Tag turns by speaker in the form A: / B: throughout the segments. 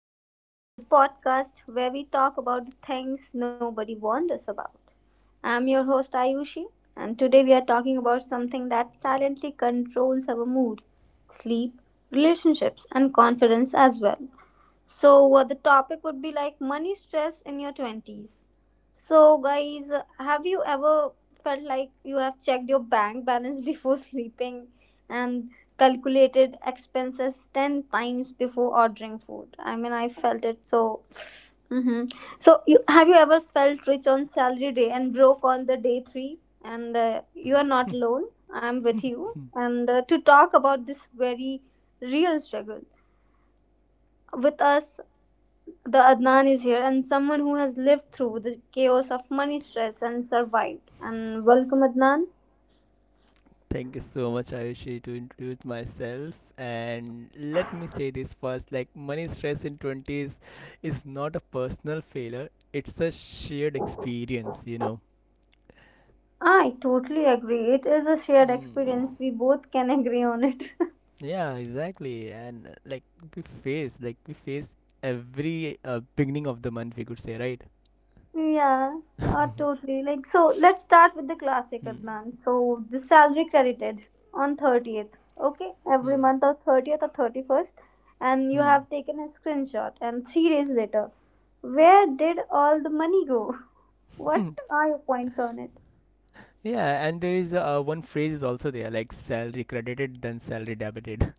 A: is Hard, the podcast where we talk about the things nobody warned us about. I'm your host, Ayushi, and today we are talking about something that silently controls our mood, sleep, relationships, and confidence as well. The topic would be like money stress in your 20s. Have you ever felt like you have checked your bank balance before sleeping and calculated expenses 10 times before ordering food? I mean, I felt it so.
B: you.
A: Hmm. Have you ever felt rich on salary day and broke on the day three? And You are not alone. I'm with you. And To talk about this very real struggle with us, the Adnan is here, and someone who has lived through the chaos of money stress and survived. And welcome, Adnan.
B: Thank you so much, Ayushi. To introduce myself, and let me say this first, like, money stress in 20s is not a personal failure, it's a shared experience.
A: I totally agree. It is a shared
B: Mm.
A: experience. We both can agree on it.
B: Yeah, exactly. And like we face every beginning of the month, we could say, right?
A: Yeah, totally. Like so, let's start with the classic,
B: Hmm.
A: Adnan. So the salary credited on 30th. Okay, every
B: Hmm.
A: month or 30th or 31st, and you
B: Hmm.
A: have taken a screenshot. And 3 days later, where did all the money go? What are your points on it?
B: Yeah, and there is one phrase is also there, like salary credited then salary debited.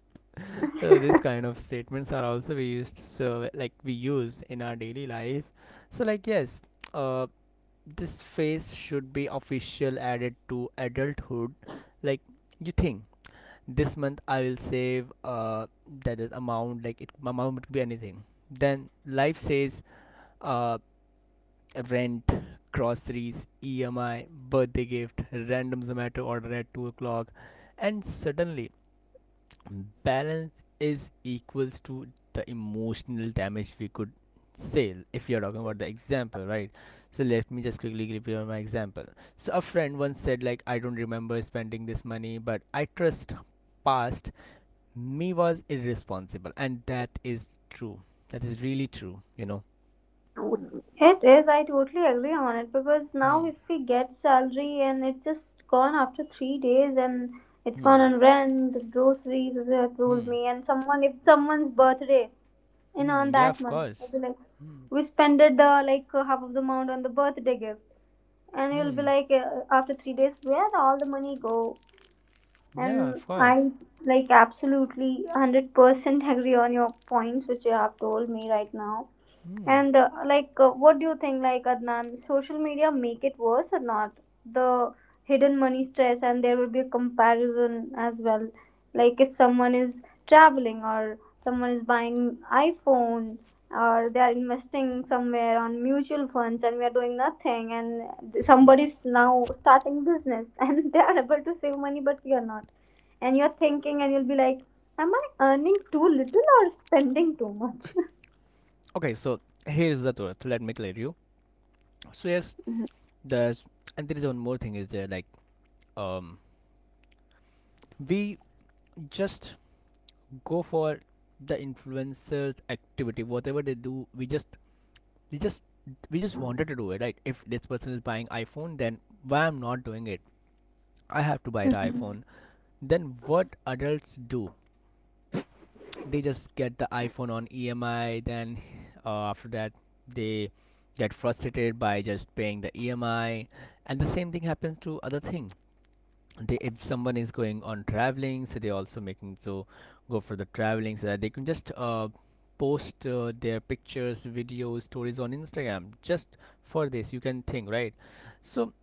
B: So these kind of statements are also we used, so like we use in our daily life. So like yes, uh, this phase should be official added to adulthood. Like, you think this month I will save that is amount, like it amount could be anything. Then life says uh rent, groceries, EMI, birthday gift, random Zomato order at 2 o'clock, and suddenly balance is equals to the emotional damage, we could say. If you're talking about the example, right, so let me just quickly give you my example. So a friend once said, like, I don't remember spending this money, but I trust past me was irresponsible. And that is true. That is really true.
A: It is. I totally agree on it, because
B: Hmm.
A: now if we get salary and it's just gone after 3 days, and it's
B: Hmm.
A: gone on rent, groceries, as you have
B: Hmm.
A: told me, and someone if someone's birthday in on
B: Hmm. Yeah,
A: that
B: of
A: month, I'll
B: course.
A: be like,
B: Hmm.
A: we spent it the like half of the amount on the birthday gift, and you'll be
B: Hmm.
A: like, after 3 days, where all the money go?
B: Yeah,
A: And
B: of course.
A: I like absolutely 100% agree on your points which you have told me right now.
B: Hmm.
A: What do you think, like Adnan, social media make it worse or not? The hidden money stress, and there will be a comparison as well. Like if someone is traveling, or someone is buying iPhone, or they are investing somewhere on mutual funds and we are doing nothing, and
B: Yeah.
A: somebody is now starting business and they are able to save money but we are not, and you're thinking and you'll be like, am I earning too little or spending too much?
B: Okay, so here's the truth, let me clear you. So yes, there's and there is one more thing is there, like, um we just go for the influencers activity, whatever they do. We just we just we just wanted to do it, right? If this person is buying iPhone, then why I'm not doing it? I have to buy the iPhone. Then what adults do? They just get the iPhone on EMI. Then after that, they get frustrated by just paying the EMI. And the same thing happens to other thing. They, if someone is going on traveling, so they also making so go for the traveling, so that they can just post their pictures, videos, stories on Instagram. Just for this, you can think, right. So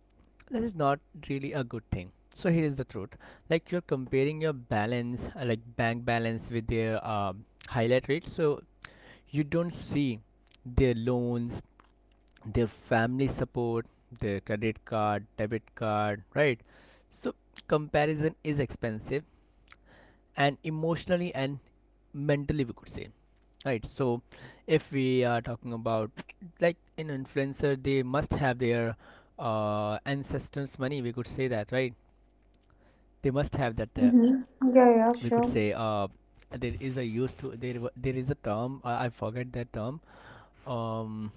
B: that is not really a good thing. So here is the truth, like, you're comparing your balance, like bank balance, with their highlight rate. So you don't see their loans, their family support, their credit card, debit card, right? So comparison is expensive, and emotionally and mentally, we could say, right? So if we are talking about like an influencer, they must have their ancestors money, we could say that, right? They must have that.
A: Mm-hmm. Yeah, yeah,
B: We could
A: sure.
B: say there is a used to, there is a term, I forget that term, um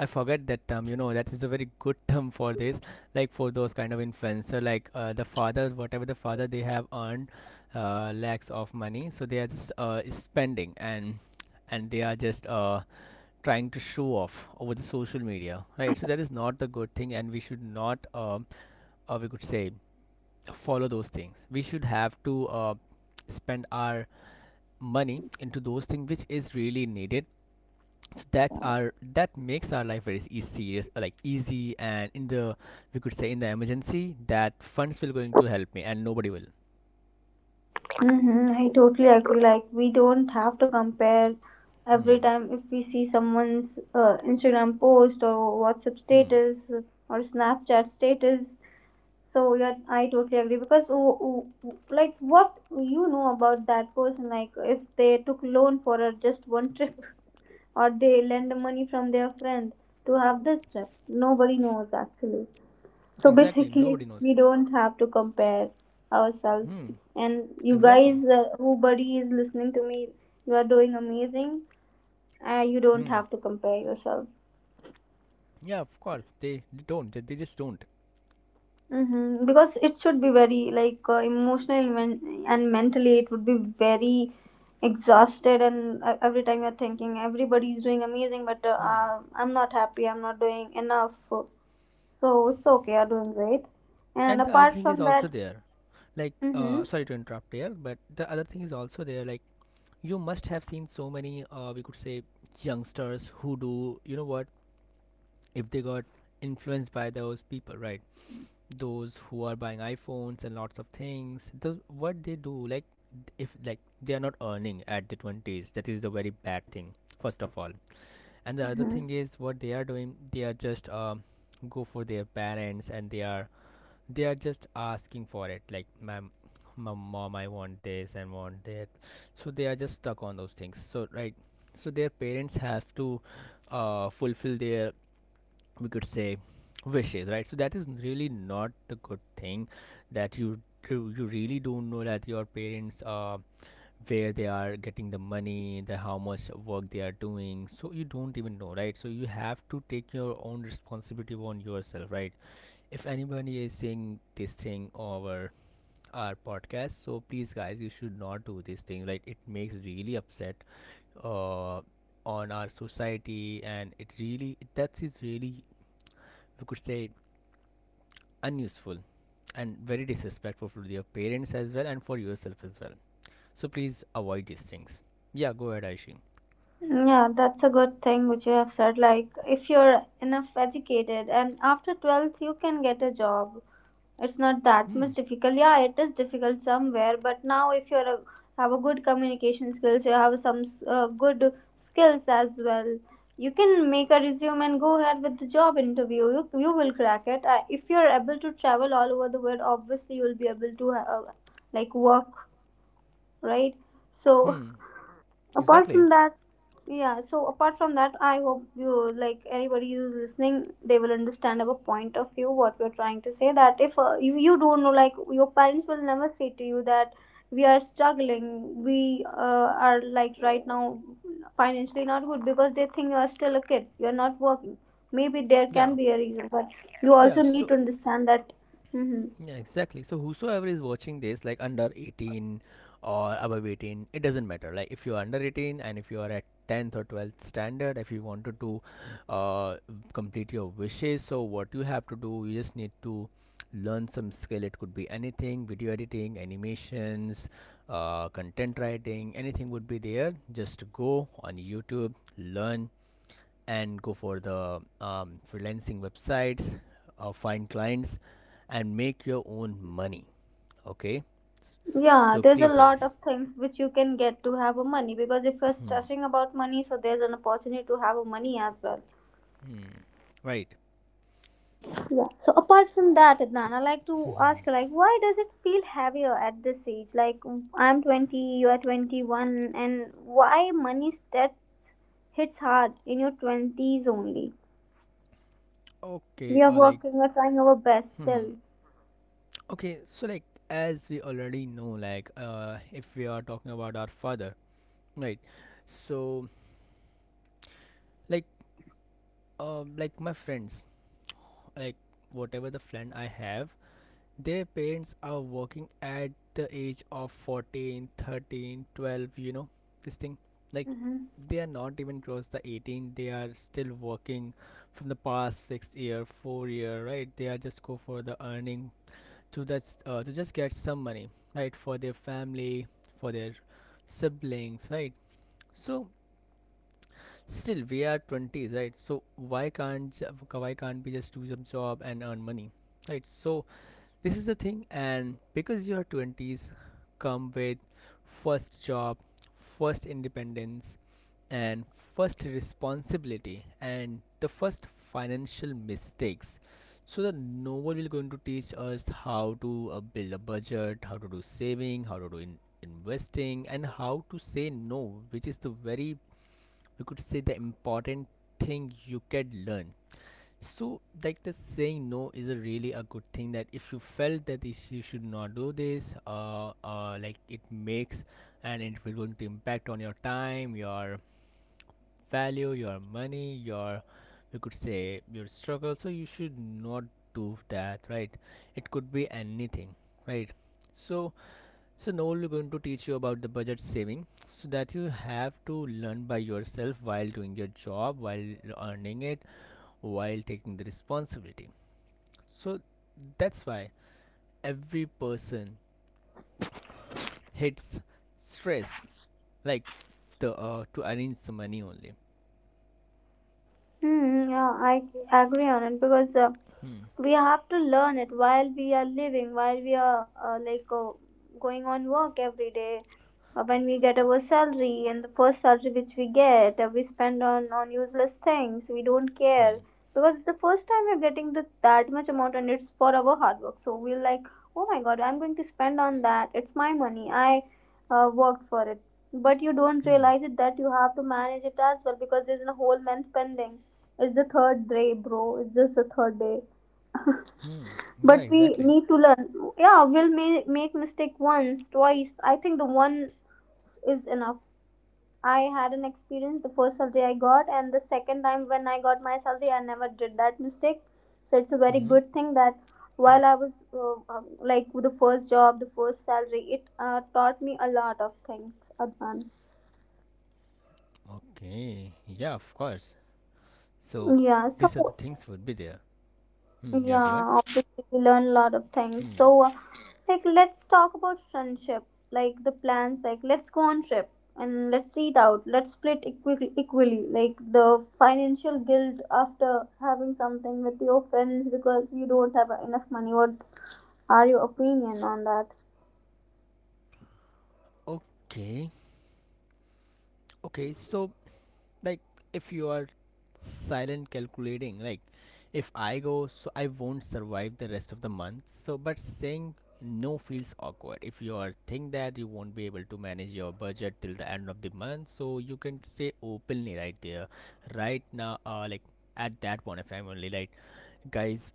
B: I forget that term, you know, that is a very good term for this. Like, for those kind of influencer, like the fathers, whatever the father they have earned lakhs of money. So they are just spending, and they are just trying to show off over the social media, right? So that is not a good thing, and we should not, we could say, follow those things. We should have to spend our money into those things which is really needed. So that makes our life very easy. Like, easy, and in the we could say in the emergency that funds will going to help me, and nobody will.
A: Mm-hmm. I totally agree. Like, we don't have to compare every
B: Hmm.
A: time if we see someone's Instagram post or WhatsApp
B: Hmm.
A: status or Snapchat status. So, yeah, I totally agree because, oh, oh, oh, like, what you know about that person? Like, if they took loan for a, just one trip or they lend money from their friend to have this trip, nobody knows actually. So
B: Exactly.
A: basically,
B: Nobody knows.
A: we don't have to compare ourselves.
B: Hmm.
A: And you
B: Exactly.
A: guys, who buddy is listening to me, you are doing amazing. You don't
B: Hmm.
A: have to compare yourself.
B: Yeah, of course. They don't, they just don't.
A: Mm-hmm. Because it should be very like emotionally men- and mentally, it would be very exhausted. And every time you're thinking, everybody is doing amazing, but
B: Hmm.
A: I'm not happy. I'm not doing enough. So it's okay. You're doing great. And
B: And the other
A: apart
B: thing is
A: from
B: also
A: that,
B: there, like,
A: mm-hmm.
B: sorry to interrupt here, but the other thing is also there, like, you must have seen so many, we could say, youngsters. Who, do you know what, if they got influenced by those people, right? Those who are buying iPhones and lots of things. Those, what they do, like, if like they are not earning at the 20s, that is the very bad thing, first of all. And the other
A: Mm-hmm.
B: thing is what they are doing, they are just go for their parents, and they are just asking for it, like, mom, I want this and want that. So they are just stuck on those things, so, right, so their parents have to fulfill their, we could say, wishes, right? So that is really not the good thing. That you really don't know that your parents, where they are getting the money, the how much work they are doing. So you don't even know, right? So you have to take your own responsibility on yourself, right? If anybody is seeing this thing over our podcast, so please guys, you should not do this thing, like it makes really upset, uh, on our society. And it really, that is really, we could say, unuseful and very disrespectful for your parents as well, and for yourself as well. So please avoid these things. Yeah, go ahead, Aishi.
A: Yeah, that's a good thing which you have said. Like, if you're enough educated and after 12th, you can get a job. It's not that
B: Hmm.
A: much difficult. Yeah, it is difficult somewhere, but now if you're a, have a good communication skills, you have some good skills as well. You can make a resume and go ahead with the job interview. You will crack it. If you're able to travel all over the world, obviously you'll be able to like work, right? So
B: Hmm.
A: apart
B: Exactly.
A: from that, yeah, so apart from that, I hope you like anybody who's listening they will understand our point of view what we're trying to say, that if you don't know, like your parents will never say to you that we are struggling, we are like right now financially not good, because they think you are still a kid, you're not working, maybe there
B: Yeah,
A: can be a reason, but you
B: yeah.
A: also need
B: So,
A: to understand that. Hmm.
B: yeah, exactly. So whosoever is watching this, like, under 18 or above 18, it doesn't matter. Like, if you are under 18, and if you are at 10th or 12th standard, if you wanted to uh, complete your wishes, so what you have to do, you just need to learn some skill. It could be anything: video editing, animations, content writing, anything would be there. Just go on YouTube, learn, and go for the freelancing websites, find clients, and make your own money. Okay,
A: Yeah,
B: so
A: there's a
B: please
A: lot
B: guys.
A: of things which you can get to have a money, because if you're
B: Hmm.
A: stressing about money, so there's an opportunity to have a money as well.
B: Hmm. Right.
A: Yeah. So apart from that, Adnan, I like to ask you, like, why does it feel heavier at this age? Like, I'm 20, you are 21, and why money stats hits hard in your 20s only? We
B: Okay,
A: are
B: like.
A: working, we're trying our best
B: Hmm. Hmm.
A: still.
B: Okay, so, like, as we already know, like, if we are talking about our father, right, so like, like my friends, like, whatever the friend I have. Their parents are working at the age of 14, 13, 12, you know, this thing. Like,
A: Mm-hmm.
B: they are not even close the 18, they are still working from the past 6 year, 4 year, right? They are just go for the earning, to just get some money, right? For their family, for their siblings, right? So, still we are 20s, right? So why can't we just do some job and earn money, right? So this is the thing. And because your 20s come with first job, first independence, and first responsibility, and the first financial mistakes. So that no one will going to teach us how to build a budget, how to do saving, how to do investing, and how to say no, which is the very, we could say, the important thing you can learn. So, like, the saying no is a really a good thing that if you felt that this you should not do this, like, it makes, and it will going to impact on your time, your value, your money, your, you could say, your struggle. So you should not do that, right? It could be anything, right? So, so now we're going to teach you about the budget saving, so that you have to learn by yourself while doing your job, while earning it, while taking the responsibility. So that's why every person hates stress, like, the to arrange the money only.
A: Mm, yeah, I agree on it because
B: Hmm.
A: we have to learn it while we are living, while we are going on work every day. When we get our salary, and the first salary which we get we spend on useless things, we don't
B: Hmm.
A: care, because it's the first time we're getting that much amount, and it's for our hard work, so we're like, oh my god, I'm going to spend on that, it's my money, I worked for it, but you don't
B: Hmm.
A: realize it that you have to manage it as well, because there's a whole month pending. It's the third day, bro, it's just the third day,
B: Hmm. Yeah,
A: but we
B: exactly.
A: need to learn. Yeah, we'll make mistake once, twice. I think the one is enough. I had an experience the first salary I got, and the second time when I got my salary, I never did that mistake. So it's a very
B: Mm-hmm.
A: good thing that while I was like with the first job, the first salary, it taught me a lot of things, Adnan.
B: Okay. Yeah, of course. So
A: Yeah,
B: these are the
A: so
B: things would be there. Hmm. Yeah, go ahead.
A: yeah, obviously we learn a lot of things.
B: Hmm.
A: So, like, let's talk about friendship, like the plans, like let's go on trip and let's eat out. Let's split equally, like the financial guilt after having something with your friends because you don't have enough money. What are your opinion on that?
B: Okay. Okay. So like, if you are silent calculating, like, if I go, so I won't survive the rest of the month. So, but saying no feels awkward if you are think that you won't be able to manage your budget till the end of the month. So you can say openly, right there, right now, like, at that point, if I am only like, guys,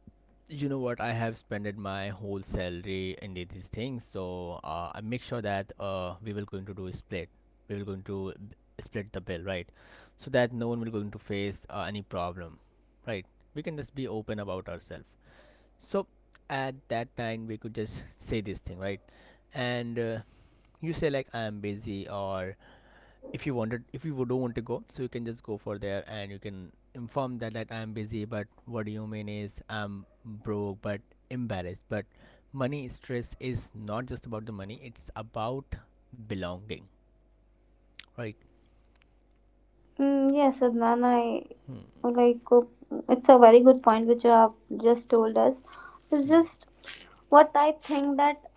B: you know what, I have spent my whole salary in these things. So I make sure that we will going to do a split, we will going to split the bill, right? So that no one will going to face any problem, right? We can just be open about ourselves. So at that time, we could just say this thing, right? And you say like, I am busy. Or if you don't want to go, so you can just go for there, and you can inform that I am busy. But what do you mean is, I'm broke but embarrassed. But money stress is not just about the money, it's about belonging, right?
A: Mm, yes, Adnan, I
B: Hmm.
A: like it's a very good point which you have just told us. It's
B: Hmm.
A: just what I think that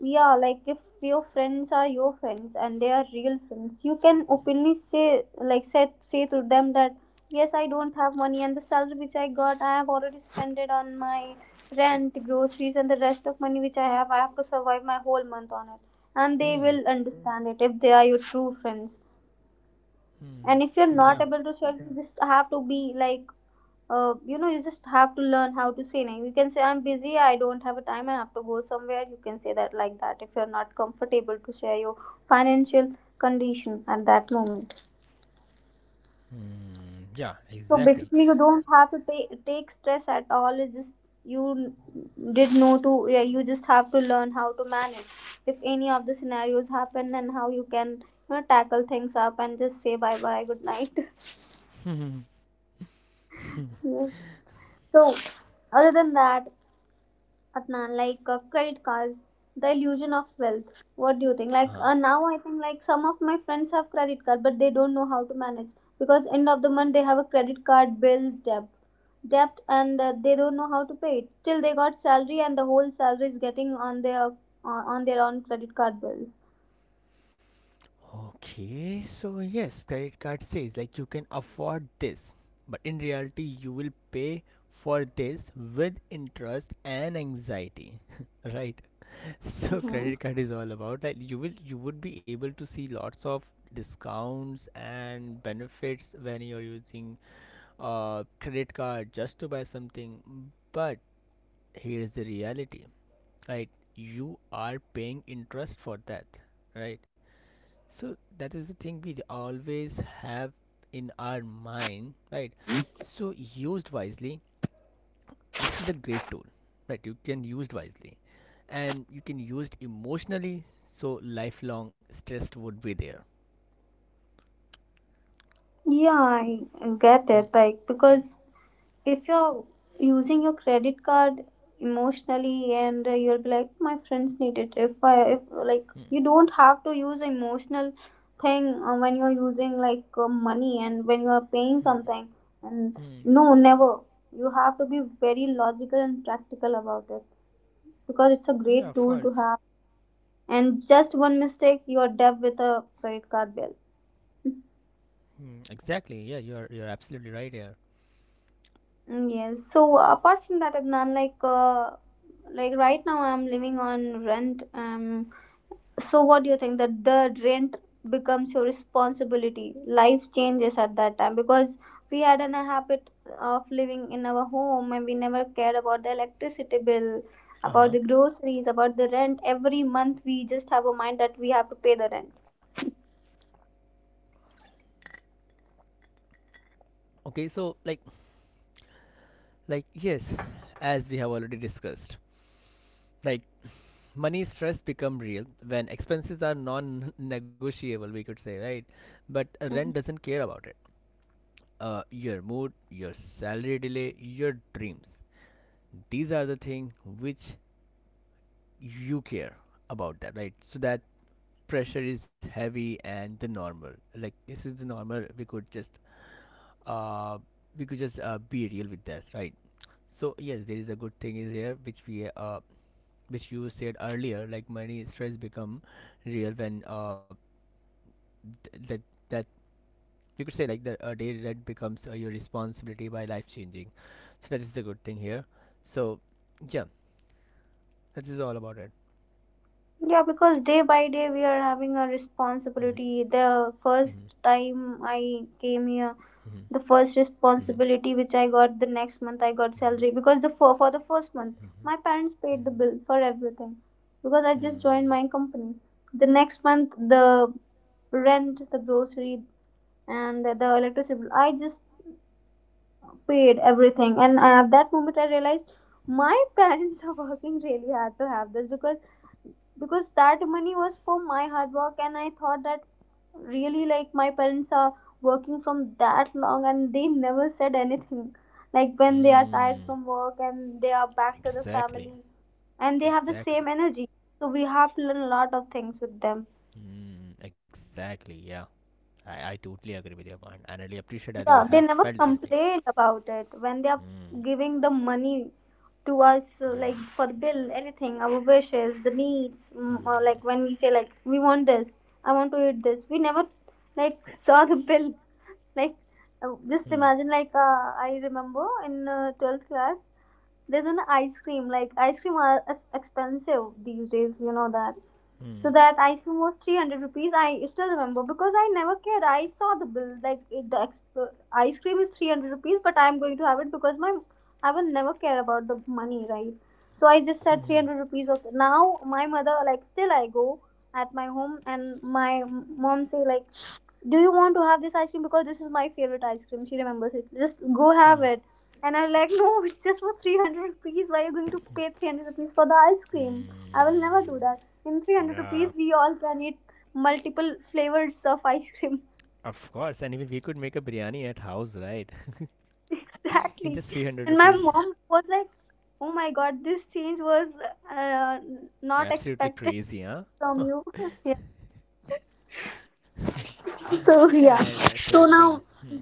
A: yeah, like if your friends are your friends and they are real friends, you can openly say, like, say to them that yes, I don't have money, and the salary which I got, I have already spent it on my rent, groceries, and the rest of money which I have to survive my whole month on it, and they
B: Hmm.
A: will understand it if they are your true friends. And
B: Hmm.
A: if you're not
B: Yeah.
A: able to share, you just have to be like you know, you just have to learn how to say no. You can say I'm busy, I don't have a time, I have to go somewhere, you can say that, like that, if you're not comfortable to share your financial condition at that moment.
B: Mm, yeah,
A: So
B: exactly.
A: basically you don't have to take stress at all, it's just you did know to, yeah, you just have to learn how to manage if any of the scenarios happen, and how you can, you know, tackle things up and just say bye bye, good night. Yeah. So other than that, Adnan, like credit cards, the illusion of wealth. What do you think? Like
B: Huh.
A: now, I think like some of my friends have credit card, but they don't know how to manage, because end of the month they have a credit card bill debt, debt, and they don't know how to pay it. Still, they got salary, and the whole salary is getting on their on their own credit card bills.
B: Okay, so yes, credit card says like, you can afford this, but in reality, you will pay for this with interest and anxiety, right? So
A: Hmm.
B: credit card is all about like you would be able to see lots of discounts and benefits when you're using a credit card just to buy something, but here's the reality, right? You are paying interest for that, right? So that is the thing we always have in our mind, right? So used wisely, this is a great tool, right? You can use it wisely, and you can use it emotionally, so lifelong stress would be there.
A: Yeah, I get
B: Hmm,
A: it. Like because if you're using your credit card emotionally, and you'll be like my friends need it, if like
B: hmm,
A: you don't have to use emotional thing when you're using like money, and when you're paying
B: hmm,
A: something, and
B: hmm.
A: no, never, you have to be very logical and practical about it, because it's a great
B: Yeah, of
A: tool to
B: course.
A: have, and just one mistake you're debt with a credit card bill.
B: Hmm, exactly. Yeah, you're absolutely right here.
A: Mm, yes. So apart from that, Adnan, like right now I'm living on rent. So what do you think that the rent becomes your responsibility? Life changes at that time, because we had a habit of living in our home, and we never cared about the electricity bill, about the
B: Uh-huh.
A: groceries, about the rent. Every month we just have a mind that we have to pay the rent.
B: Okay, so like yes, as we have already discussed, like money stress become real when expenses are non-negotiable, we could say, right? But a rent
A: Mm.
B: doesn't care about it. Your mood, your salary delay, your dreams, these are the thing which you care about, that right. So that pressure is heavy, and the normal, like this is the normal. We could just uh we could just uh, be real with that, right? So yes, there is a good thing is here which we which you said earlier, like money stress become real when d- that that you could say like the day rent becomes your responsibility by life changing. So that is the good thing here. So yeah, that is all about it.
A: Yeah, because day by day we are having a
B: Mm-hmm.
A: responsibility. The
B: Mm-hmm.
A: first time I came here, the first
B: Mm-hmm.
A: responsibility which I got the next month, I got salary, because the for the first month
B: Mm-hmm.
A: my parents paid the
B: Mm-hmm.
A: bill for everything, because I just joined
B: Mm-hmm.
A: my company. The next month the rent, the grocery and the electricity bill I just paid everything, and at that moment I realized my parents are working really hard to have this because that money was for my hard work. And I thought that, really, like, my parents are working from that long and they never said anything, like, when they are tired
B: Mm.
A: from work and they are back to the
B: Exactly,
A: family and they have the
B: exactly,
A: same energy. So we have to learn a lot of things with them.
B: mm, exactly. Yeah, I totally agree with your point, and I really appreciate that you
A: Yeah, they
B: have
A: never
B: felt these things.
A: complained about it when they are
B: Mm,
A: giving the money to us, like
B: mm,
A: for the bill, anything, our wishes, the needs, mm, or like when we say like we want this, I want to eat this. We never like saw the bill. Like just imagine, like, I remember in 12th class, there's an ice cream. Like, ice cream are expensive these days. You know that. So
B: mm,
A: that ice cream was 300 rupees. I still remember because I never cared. I saw the bill, like, it, the ice cream is 300 rupees, but I'm going to have it because my, I will never care about the money, right? So I just said
B: mm,
A: 300 rupees. Okay. Now my mother, like, still I go at my home and my mom say like, do you want to have this ice cream because this is my favorite ice cream. She remembers it. Just go have
B: mm,
A: it. And I'm like, no, it's just for 300 rupees. Why are you going to pay 300 rupees for the ice cream?
B: mm,
A: I will never do that.
B: mm.
A: In 300 rupees,
B: Yeah,
A: we all can eat multiple flavors of ice cream.
B: of course. And even we could make a biryani at house, right? In
A: Exactly.
B: just 300
A: And my
B: rupees.
A: mom was like, oh my god, this change was uh, not
B: Absolutely
A: expected
B: crazy, huh?
A: from you. Yeah. So,
B: Yeah,
A: yeah.
B: and that's a good
A: So
B: thing.
A: now,
B: Hmm.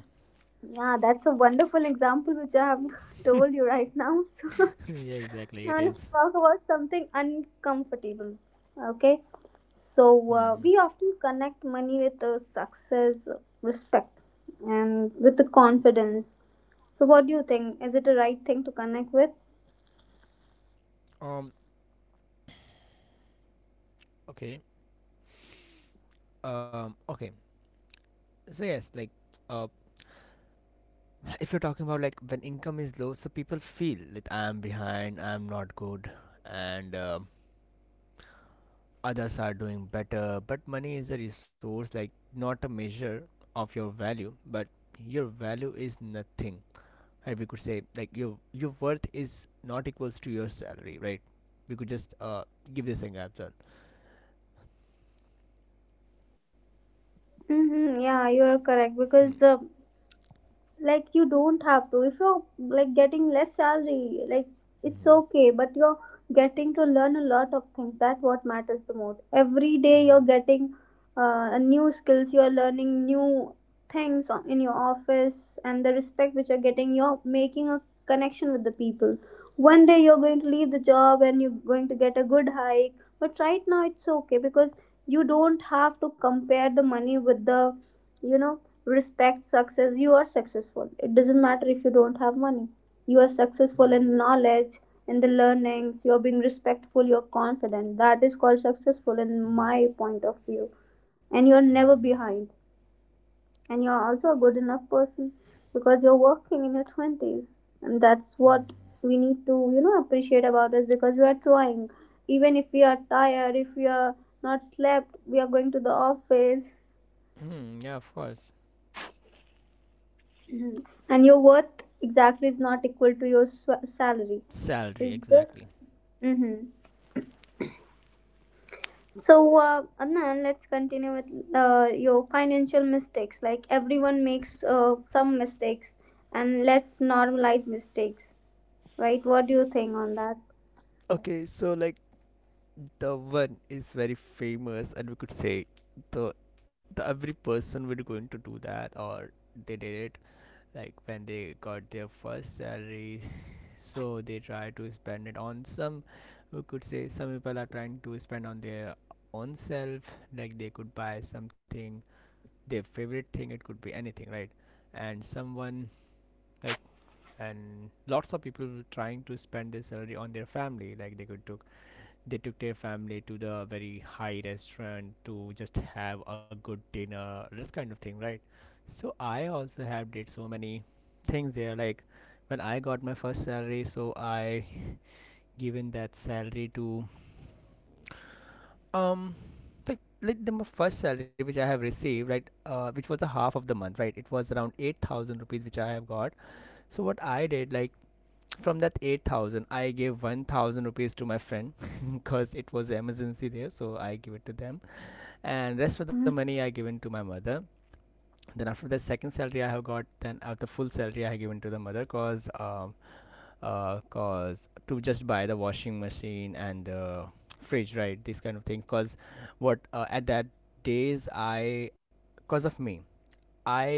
A: yeah, that's a wonderful example which I have told you right now. So,
B: Yeah, exactly.
A: now
B: It
A: let's
B: is.
A: talk about something uncomfortable. Okay, so
B: Hmm.
A: we often connect money with success, respect, and with the confidence. So, what do you think? Is it the right thing to connect with?
B: Um. Okay. Okay. So yes, like, uh, if you're talking about like when income is low, so people feel that I'm behind, I'm not good, and others are doing better. But money is a resource, like not a measure of your value, but your value is nothing, and we could say like your worth is not equals to your salary, right? We could just give this thing answer.
A: Mm-hmm, yeah, you are correct,
B: Hmm.
A: because like, you don't have to, if you're like getting less salary, like it's
B: Mm-hmm.
A: okay, but you're getting to learn a lot of things, that what matters the most. Every day you're getting a new skills, you're learning new things in your office, and the respect which you're getting, you're making a connection with the people. One day you're going to leave the job and you're going to get a good hike, but right now it's okay, because you don't have to compare the money with the, you know, respect, success. You are successful. It doesn't matter if you don't have money, you are successful
B: Mm-hmm.
A: in knowledge, in the learnings. You're being respectful, you're confident. That is called successful in my point of view. And you're never behind, and you're also a good enough person, because you're working in your 20s, and that's what we need to, you know, appreciate about us, because we are trying. Even if we are tired, if we are not slept, we are going to the office.
B: Hmm. Yeah, of course.
A: Mhm. And your worth, exactly, is not equal to your salary.
B: Salary,
A: It's just,
B: exactly.
A: hmm, so Anand, let's continue with your financial mistakes. Like everyone makes some mistakes, and let's normalize mistakes, right? What do you think on that?
B: Okay, so like the one is very famous, and we could say the the every person would going to do that, or they did it like when they got their first salary. So they try to spend it on some, we could say some people are trying to spend on their own self, like they could buy something, their favorite thing, it could be anything, right? And someone, like, and lots of people were trying to spend their salary on their family, like they took their family to the very high restaurant to just have a good dinner, this kind of thing, right? So I also have did so many things there, like when I got my first salary, so I given that salary to, um like the first salary which I have received, right? Which was the half of the month, right? It was around 8,000 rupees which I have got. So what I did, like from that 8,000 I gave 1,000 rupees to my friend because it was emergency there, so I give it to them, and rest of the money I given to my mother. Then after the second salary I have got, then after full salary I have given to the mother, because cause to just buy the washing machine and the fridge, right? These kind of things. Cause what, at that days I, cause of me, I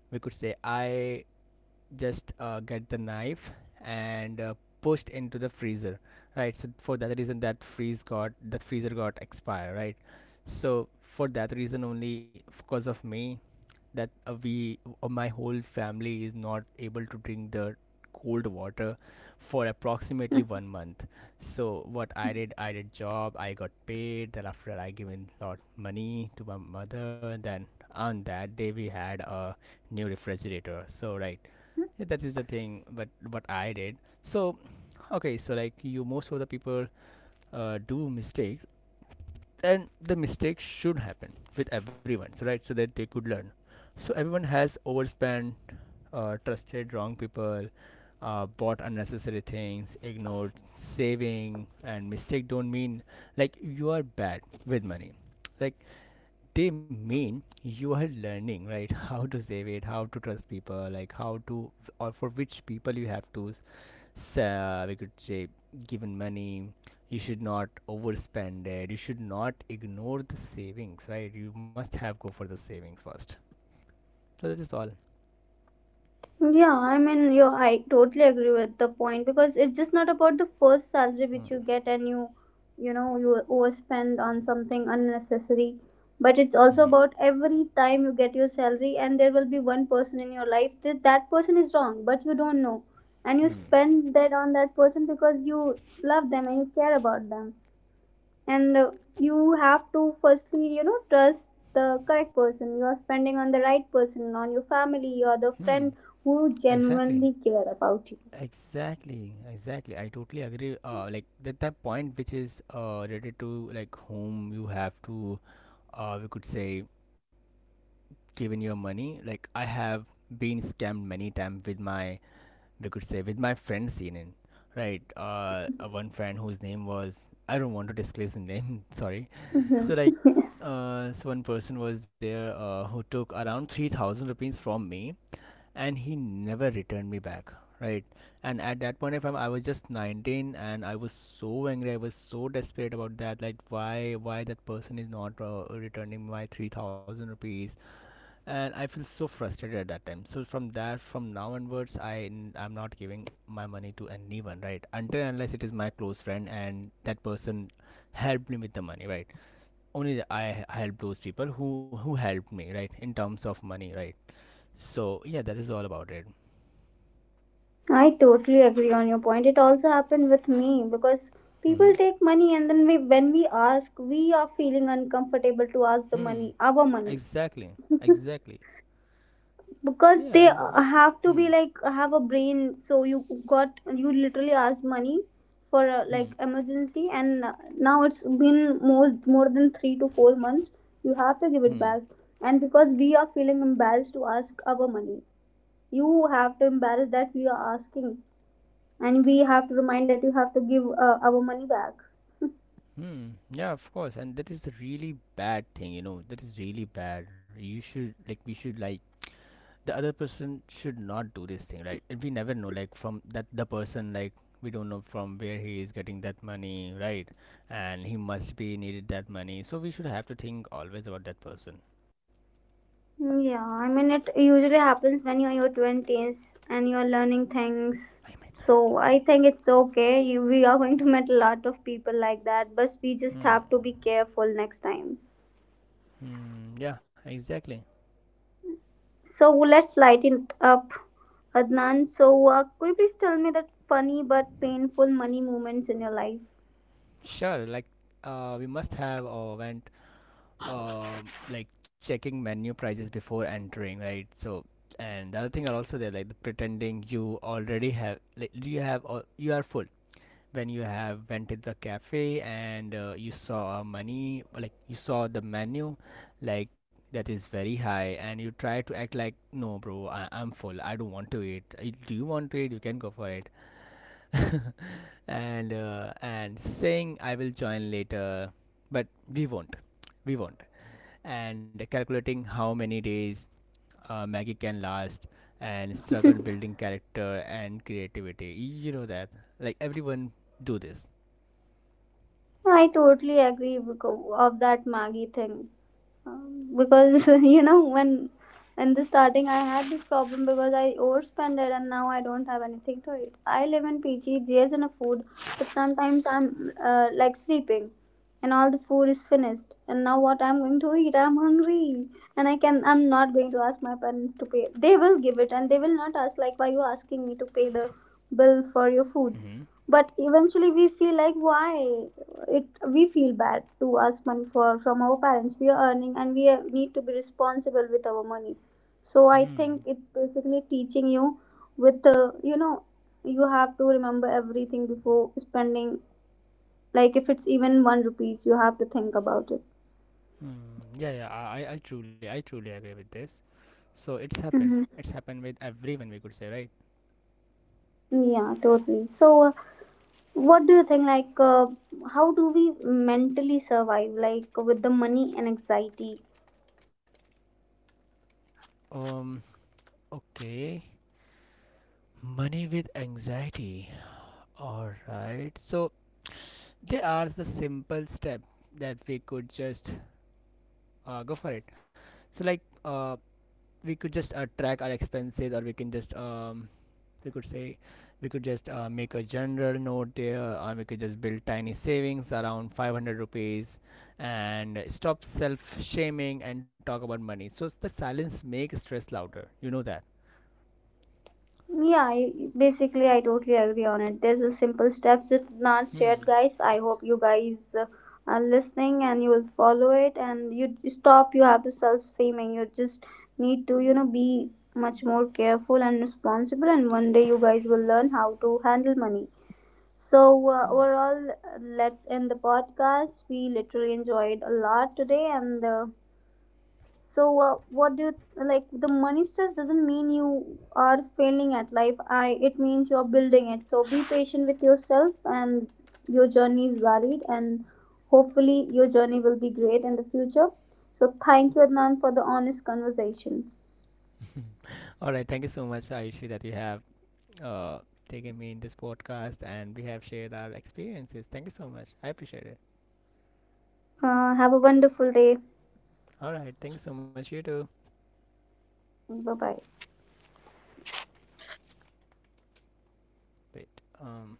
B: we could say I just get the knife and pushed into the freezer, right? So for that reason, that freezer got expired, right? So for that reason only, because of me, that we my whole family is not able to drink the cold water for approximately
A: Mhm.
B: 1 month. So what I did, I did job, I got paid. Then after that, I given lot money to my mother, and then on that day we had a new refrigerator, so right. Yeah, that is the thing, but what I did. So okay, so like you, most of the people do mistakes, and the mistakes should happen with everyone, so right, so that they could learn. So everyone has overspent, trusted wrong people, bought unnecessary things, ignored saving, and mistake don't mean like you are bad with money. Like they mean you are learning, right? How to save it, how to trust people, like how, to or for which people you have to, so we could say given money, you should not overspend it, you should not ignore the savings, right? You must have go for the savings first. So that is all.
A: Yeah, I mean, you I totally agree with the point, because it's just not about the first salary which you
B: Hmm.
A: get and you know, you overspend on something unnecessary, but it's
B: Mm-hmm.
A: also about every time you get your salary and there will be one person in your life that person is wrong, but you don't know, and you
B: Hmm.
A: spend that on that person because you love them and you care about them. And you have to, firstly, you know, trust the correct person. You are spending on the right person, on your family or the
B: Hmm.
A: friend who
B: Exactly,
A: genuinely care about you.
B: exactly, exactly, I totally agree. Like that point which is related to like whom you have to, we could say given your money. Like I have been scammed many times with my we could say, with my friend CNN. Right. One friend whose name was, I don't want to disclose the name. Sorry.
A: Hmm.
B: So like, so one person was there, who took around 3,000 rupees from me, and he never returned me back. Right, and at that point of time, I was just 19, and I was so angry. I was so desperate about that. Like, why that person is not returning my 3,000 rupees? And I feel so frustrated at that time. So from that from now onwards, I'm not giving my money to anyone, right, until unless it is my close friend, and that person helped me with the money, right? Only I help those people who helped me, right, in terms of money, right? So yeah, that is all about it.
A: I totally agree on your point. It also happened with me, because
B: Hmm,
A: people take money, and then we, when we ask, we are feeling uncomfortable to ask the
B: hmm.
A: money, our money,
B: Exactly, exactly.
A: because
B: Yeah.
A: they
B: And
A: have to
B: hmm,
A: be like, have a brain. So you got, you literally asked money for like
B: hmm,
A: emergency, and now it's been more than 3 to 4 months, you have to give
B: hmm.
A: it back. And because we are feeling embarrassed to ask our money, you have to embarrass that we are asking, and we have to remind that you have to give our money back.
B: Hmm. Yeah, of course, and that is a really bad thing. You know, that is really bad. You should, like, we should, like, the other person should not do this thing, right? And we never know, like from that the person, like we don't know from where he is getting that money, right? And he must be needed that money, so we should have to think always about that person.
A: Mm, yeah, I mean, it usually happens when you're in your 20s and you're learning things.
B: I mean, right.
A: So I think it's okay. You, we are going to meet a lot of people like that, but we just
B: Hmm.
A: have to be careful next time.
B: Hmm. Yeah, exactly.
A: So let's lighten it up, Adnan. So, could you please tell me that funny but painful money moments in your life?
B: Sure, like, we must have went, uh, like checking menu prices before entering, right? So, and the other thing are also there, like the pretending you already have, like you are full when you have went to the cafe, and you saw a money, like you saw the menu, like that is very high, and you try to act like no bro, I'm full, I don't want to eat. Do you want to eat, you can go for it." And and saying I will join later, but we won't, we won't, and calculating how many days maggie can last, and struggle building character and creativity. You know that, like everyone do this.
A: I totally agree because of that Maggie thing. Because you know, when in the starting I had this problem because I overspent it and now I don't have anything to eat. I live in PG, there's enough food, but sometimes I'm like sleeping and all the food is finished, and now what I'm going to eat, I'm hungry. And I can, I'm not going to ask my parents to pay. They will give it, and they will not ask like, why you asking me to pay the bill for your food?
B: Hmm.
A: But eventually we feel like, why it, we feel bad to ask money for from our parents. We are earning and we are- need to be responsible with our money. So I
B: Hmm. Mm.
A: think it's basically teaching you with you know, you have to remember everything before spending. Like if it's even one rupees, you have to think about it.
B: Mm. Yeah, yeah. I truly agree with this. So it's happened.
A: Hmm,
B: It's happened with everyone, we could say, right?
A: yeah, totally. So what do you think, like, how do we mentally survive, like, with the money and anxiety?
B: Um. Okay. Money with anxiety. All right. So there are the simple step that we could just go for it. So like, we could just track our expenses, or we can just we could say we could just make a general note there, or we could just build tiny savings around 500 rupees, and stop self shaming and talk about money, so the silence makes stress louder, you know that.
A: Yeah, I, basically, I totally agree on it. There's a simple steps with not
B: Hmm.
A: shared, guys. I hope you guys are listening and you will follow it. And you stop. You have to self streaming. You just need to, you know, be much more careful and responsible. And one day, you guys will learn how to handle money. So
B: Hmm.
A: overall, let's end the podcast. We literally enjoyed a lot today, and. So, what do you like? The money stress doesn't mean you are failing at life. I, it means you're building it. So be patient with yourself, and your journey is valid, and hopefully your journey will be great in the future. So thank you, Adnan, for the honest conversation.
B: All right, thank you so much, Ayushi, that you have uh, taken me in this podcast, and we have shared our experiences. Thank you so much, I appreciate it.
A: Have a wonderful day.
B: All right, thank you so much, you too.
A: Bye bye.
B: Wait. um